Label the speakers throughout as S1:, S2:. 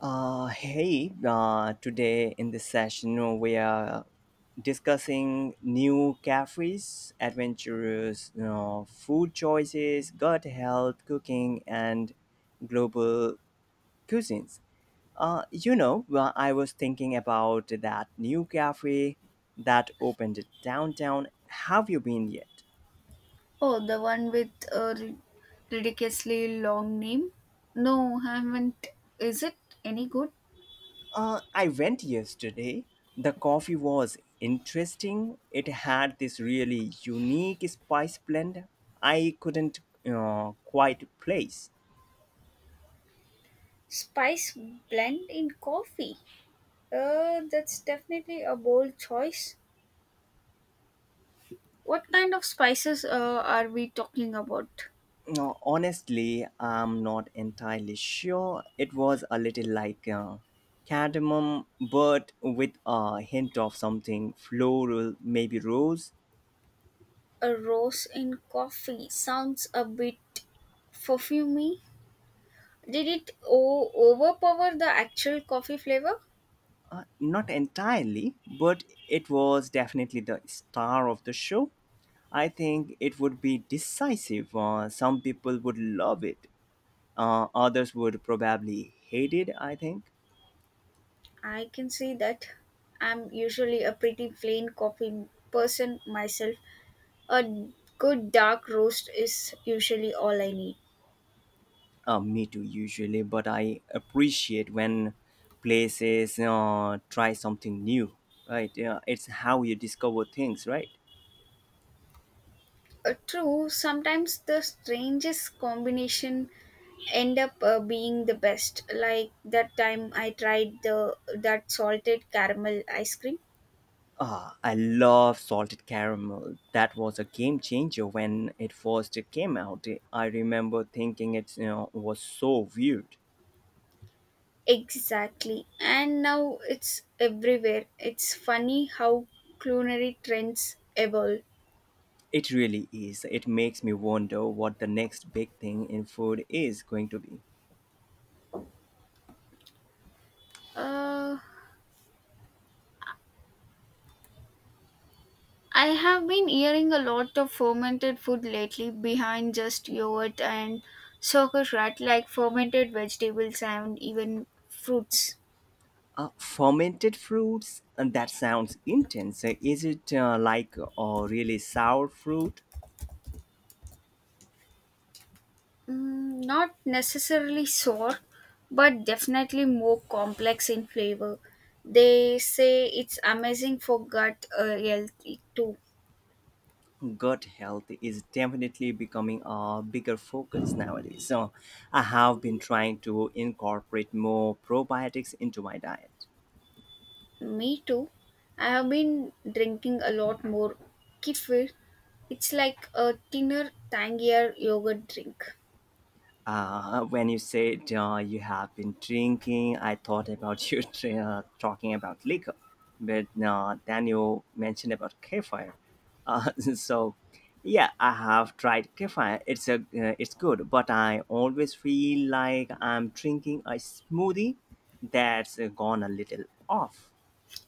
S1: Today in this session we are discussing new cafes, adventurous food choices, gut health, cooking, and global cuisines. I was thinking about that new cafe that opened downtown. Have you been yet?
S2: Oh, the one with a ridiculously long name? No, haven't. Is it any good?
S1: I went yesterday. The coffee was interesting. It had this really unique spice blend I couldn't quite place.
S2: Spice blend in coffee. That's definitely a bold choice. What kind of spices are we talking about?
S1: No, honestly, I'm not entirely sure. It was a little like cardamom, but with a hint of something floral, maybe rose.
S2: A rose in coffee sounds a bit perfumey. Did it overpower the actual coffee flavor?
S1: Not entirely, but it was definitely the star of the show. I think it would be decisive. Some people would love it, others would probably hate it, I think.
S2: I can see that. I'm usually a pretty plain coffee person myself. A good dark roast is usually all I need.
S1: Me too, usually, but I appreciate when places try something new, right? Yeah, it's how you discover things, right?
S2: True, sometimes the strangest combination end up being the best. Like that time I tried the that salted caramel ice cream.
S1: Ah, I love salted caramel. That was a game changer when it first came out. I remember thinking it was so weird.
S2: Exactly. And now it's everywhere. It's funny how culinary trends evolve.
S1: It really is. It makes me wonder what the next big thing in food is going to be.
S2: Uh I have been eating a lot of fermented food lately behind just yogurt and sauerkraut, like fermented vegetables and even fruits.
S1: Fermented fruits? That sounds intense. Is it like a really sour fruit?
S2: Mm, not necessarily sour, but definitely more complex in flavor. They say it's amazing for gut health too.
S1: Gut health is definitely becoming a bigger focus nowadays. So I have been trying to incorporate more probiotics into my diet.
S2: Me too. I have been drinking a lot more kefir. It's like a thinner, tangier yogurt drink.
S1: When you said you have been drinking, I thought about you talking about liquor, but then you mentioned about kefir. So, yeah, I have tried kefir. It's good, but I always feel like I'm drinking a smoothie that's gone a little off.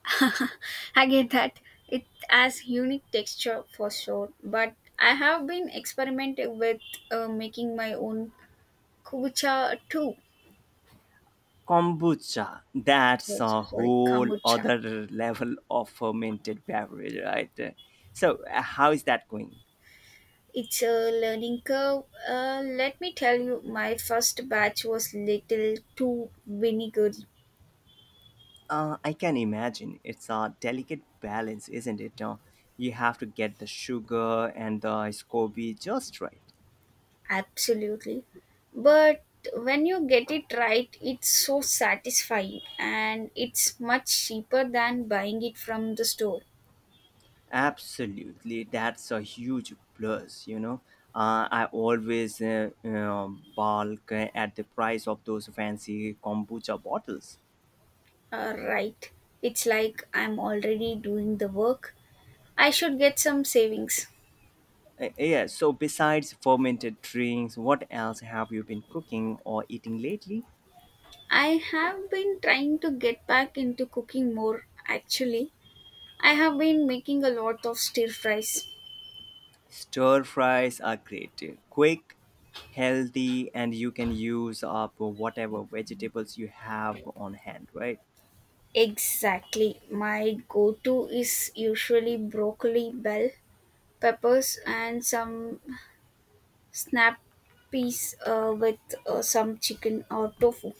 S2: I get that. It has unique texture for sure, but I have been experimenting with making my own kombucha too.
S1: Kombucha, that's
S2: Oh,
S1: a
S2: sorry,
S1: whole
S2: kombucha.
S1: other level of fermented beverage, right? So, how is that going?
S2: It's a learning curve. Let me tell you, my first batch was little too vinegary,
S1: I can imagine. It's a delicate balance, isn't it? You have to get the sugar and the SCOBY just right.
S2: absolutely. But when you get it right, it's so satisfying and it's much cheaper than buying it from the store.
S1: Absolutely. That's a huge plus, you know. I always balk at the price of those fancy kombucha bottles.
S2: Right. It's like I'm already doing the work. I should get some savings.
S1: Yeah, so besides fermented drinks, what else have you been cooking or eating lately?
S2: I have been trying to get back into cooking more, actually. I have been making a lot of stir fries.
S1: Stir fries are great, quick, healthy, and you can use up whatever vegetables you have on hand, right?
S2: Exactly. My go to is usually broccoli, bell peppers, and some snap peas with some chicken or tofu.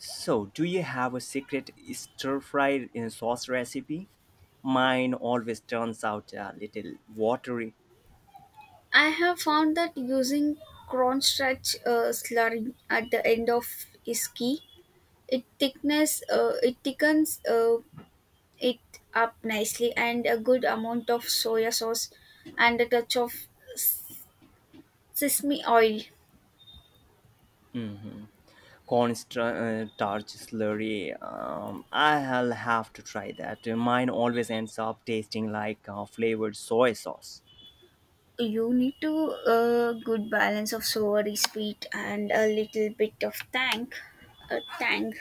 S1: So, do you have a secret stir fry in sauce recipe? Mine always turns out a little watery.
S2: I have found that using cornstarch slurry at the end of is key. It thickness it thickens it up nicely, and a good amount of soya sauce and a touch of sesame oil.
S1: Mm-hmm. Starch slurry. I'll have to try that. Mine always ends up tasting like flavored soy sauce.
S2: You need to a good balance of savory sweet and a little bit of tang, tang.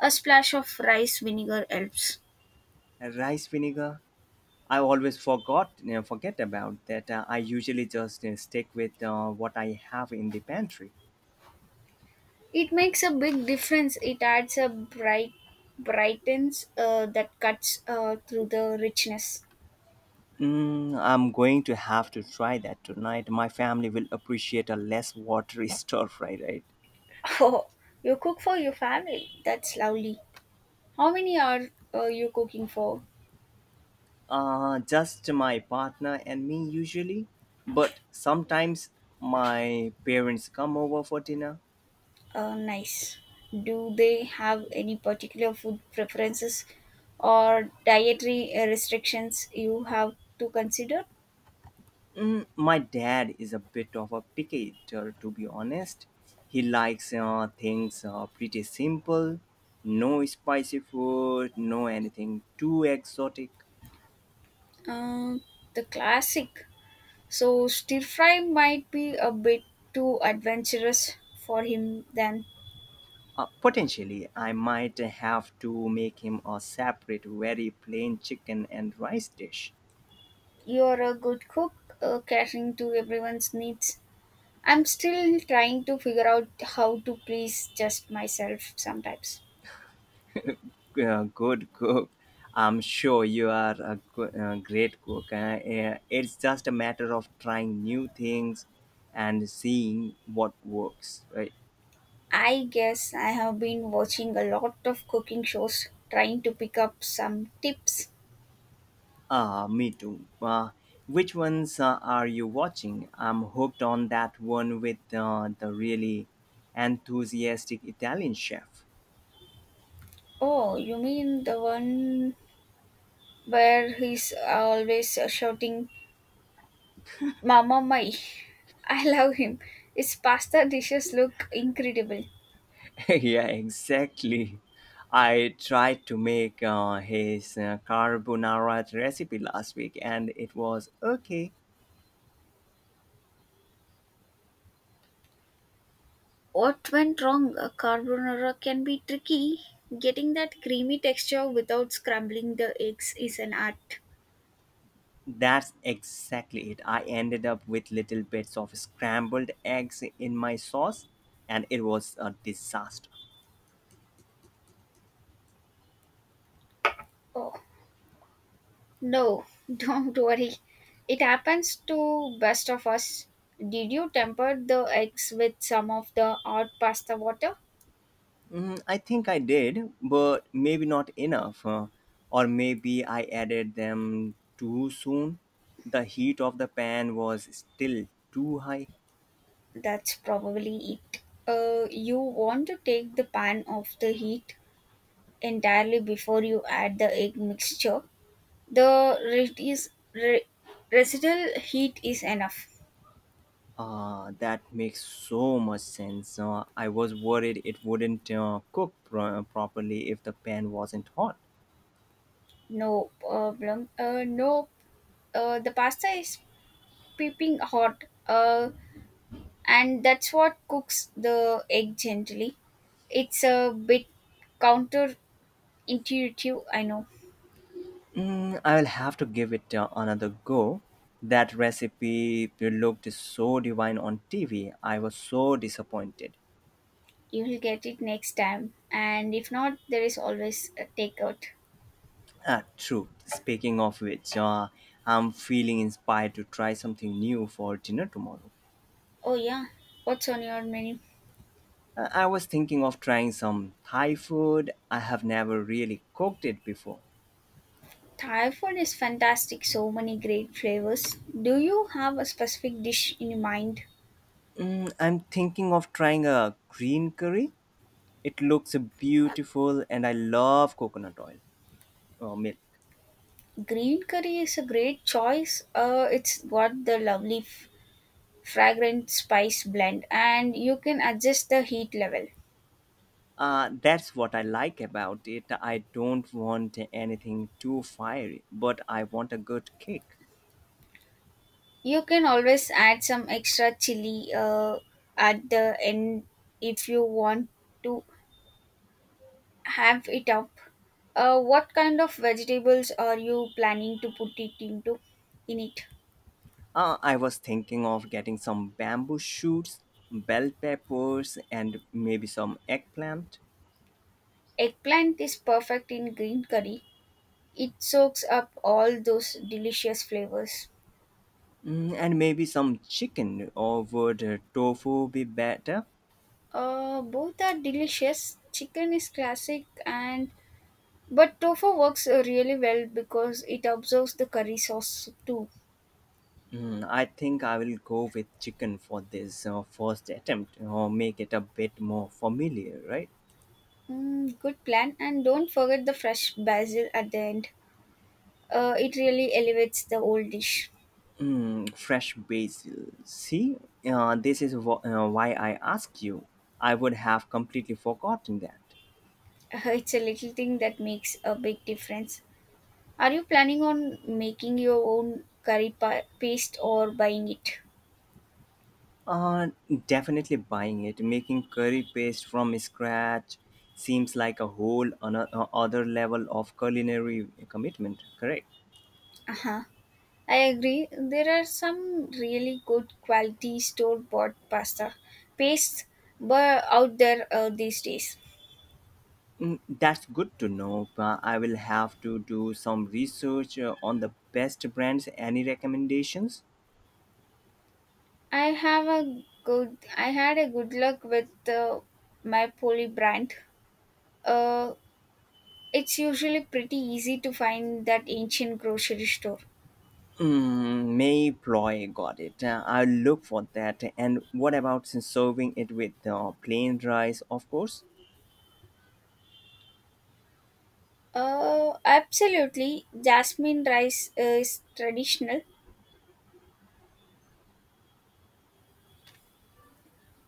S2: A splash of rice vinegar helps.
S1: Rice vinegar I always forget about that. I usually just stick with what I have in the pantry.
S2: It makes a big difference. It adds a brightens that cuts through the richness.
S1: Mm, I'm going to have to try that tonight. My family will appreciate a less watery stir fry, right?
S2: Oh, you cook for your family. That's lovely. How many are you cooking for?
S1: Just my partner and me usually, but sometimes my parents come over for dinner.
S2: Nice. Do they have any particular food preferences or dietary restrictions you have to consider?
S1: Mm, my dad is a bit of a picky eater, to be honest. He likes things pretty simple, no spicy food, no anything too exotic.
S2: Um, the classic. So stir fry might be a bit too adventurous for him then.
S1: Potentially, I might have to make him a separate, very plain chicken and rice dish.
S2: You're a good cook, catering to everyone's needs. I'm still trying to figure out how to please just myself sometimes.
S1: Good cook. I'm sure you are a great cook. It's just a matter of trying new things and seeing what works, right?
S2: I guess I have been watching a lot of cooking shows, trying to pick up some tips.
S1: Ah, me too. Which ones are you watching? I'm hooked on that one with the really enthusiastic Italian chef.
S2: Oh, you mean the one where he's always shouting, Mama Mai? I love him. His pasta dishes look incredible.
S1: Yeah, exactly. I tried to make his carbonara recipe last week and it was okay.
S2: What went wrong? A carbonara can be tricky. Getting that creamy texture without scrambling the eggs is an art.
S1: That's exactly it. I ended up with little bits of scrambled eggs in my sauce and it was a disaster.
S2: Oh, no, don't worry. It happens to best of us. Did you temper the eggs with some of the hot pasta water?
S1: Mm, I think I did, but maybe not enough. Or maybe I added them too soon. The heat of the pan was still too high.
S2: That's probably it. You want to take the pan off the heat entirely before you add the egg mixture. The residual heat is enough.
S1: Ah, that makes so much sense. I was worried it wouldn't cook properly if the pan wasn't hot.
S2: No problem. No, the pasta is peeping hot, and that's what cooks the egg gently. It's a bit counterintuitive, I know.
S1: Mm, I'll have to give it another go. That recipe looked so divine on TV. I was so disappointed.
S2: You will get it next time, and if not, there is always a takeout.
S1: Ah, true. Speaking of which, I'm feeling inspired to try something new for dinner tomorrow.
S2: Oh, yeah, what's on your menu?
S1: I was thinking of trying some Thai food. I have never really cooked it before.
S2: Thai food is fantastic, so many great flavors. Do you have a specific dish in your mind?
S1: Mm, I'm thinking of trying a green curry. It looks beautiful and I love coconut oil or milk.
S2: Green curry is a great choice, it's got the lovely fragrant spice blend and you can adjust the heat level.
S1: That's what I like about it. I don't want anything too fiery, but I want a good kick.
S2: You can always add some extra chili at the end if you want to have it up. What kind of vegetables are you planning to put it into in it?
S1: I was thinking of getting some bamboo shoots, bell peppers, and maybe some eggplant.
S2: Eggplant is perfect in green curry, it soaks up all those delicious flavors.
S1: Mm, and maybe some chicken, or would tofu be better?
S2: Both are delicious, chicken is classic, and but tofu works really well because it absorbs the curry sauce too.
S1: Mm, I think I will go with chicken for this first attempt, or make it a bit more familiar, right?
S2: Mm, good plan. And don't forget the fresh basil at the end. It really elevates the old dish.
S1: Mm, fresh basil. See, why I ask you. I would have completely forgotten that.
S2: It's a little thing that makes a big difference. Are you planning on making your own paste or buying it?
S1: Uh, Definitely buying it. Making curry paste from scratch seems like a whole other level of culinary commitment. Correct.
S2: Uh-huh. I agree. There are some really good quality store bought pasta pastes but out there these days.
S1: Mm, that's good to know, but I will have to do some research on the best brands. Any recommendations?
S2: I have a good. I had a good luck with my poly brand. Uh, it's usually pretty easy to find that ancient grocery store.
S1: Mm, Mayploy got it. I'll look for that. And what about serving it with plain rice, of course?
S2: Absolutely.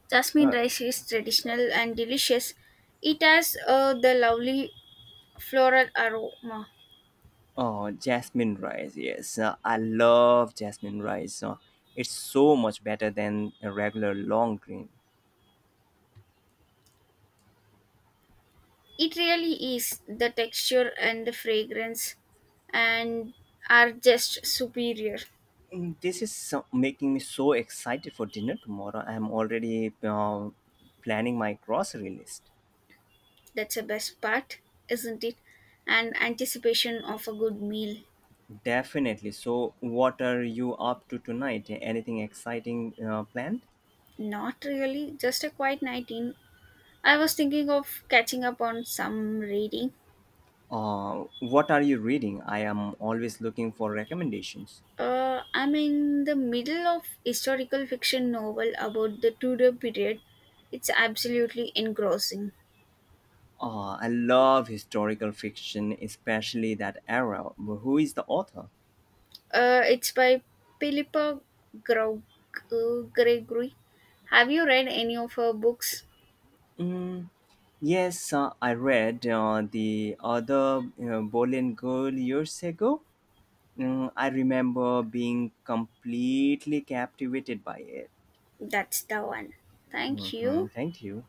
S2: Jasmine
S1: Uh,
S2: rice is traditional and delicious. It has the lovely floral aroma.
S1: Oh, jasmine rice. Yes, I love jasmine rice. It's so much better than a regular long green.
S2: It really is. The texture and the fragrance and are just superior.
S1: This is so, making me so excited for dinner tomorrow. I'm already planning my grocery list.
S2: That's the best part, isn't it? And anticipation of a good meal.
S1: Definitely. So, what are you up to tonight? Anything exciting planned?
S2: Not really, just a quiet night in. I was thinking of catching up on some reading.
S1: What are you reading? I am always looking for recommendations.
S2: I'm in the middle of historical fiction novel about the Tudor period. It's absolutely engrossing.
S1: I love historical fiction, especially that era. Who is the author?
S2: It's by Philippa Grau- Gregory. Have you read any of her books?
S1: Mm, yes, I read the other Bolian Girl years ago. Mm, I remember being completely captivated by it.
S2: That's the one. Thank
S1: Hmm.
S2: you.
S1: Thank you.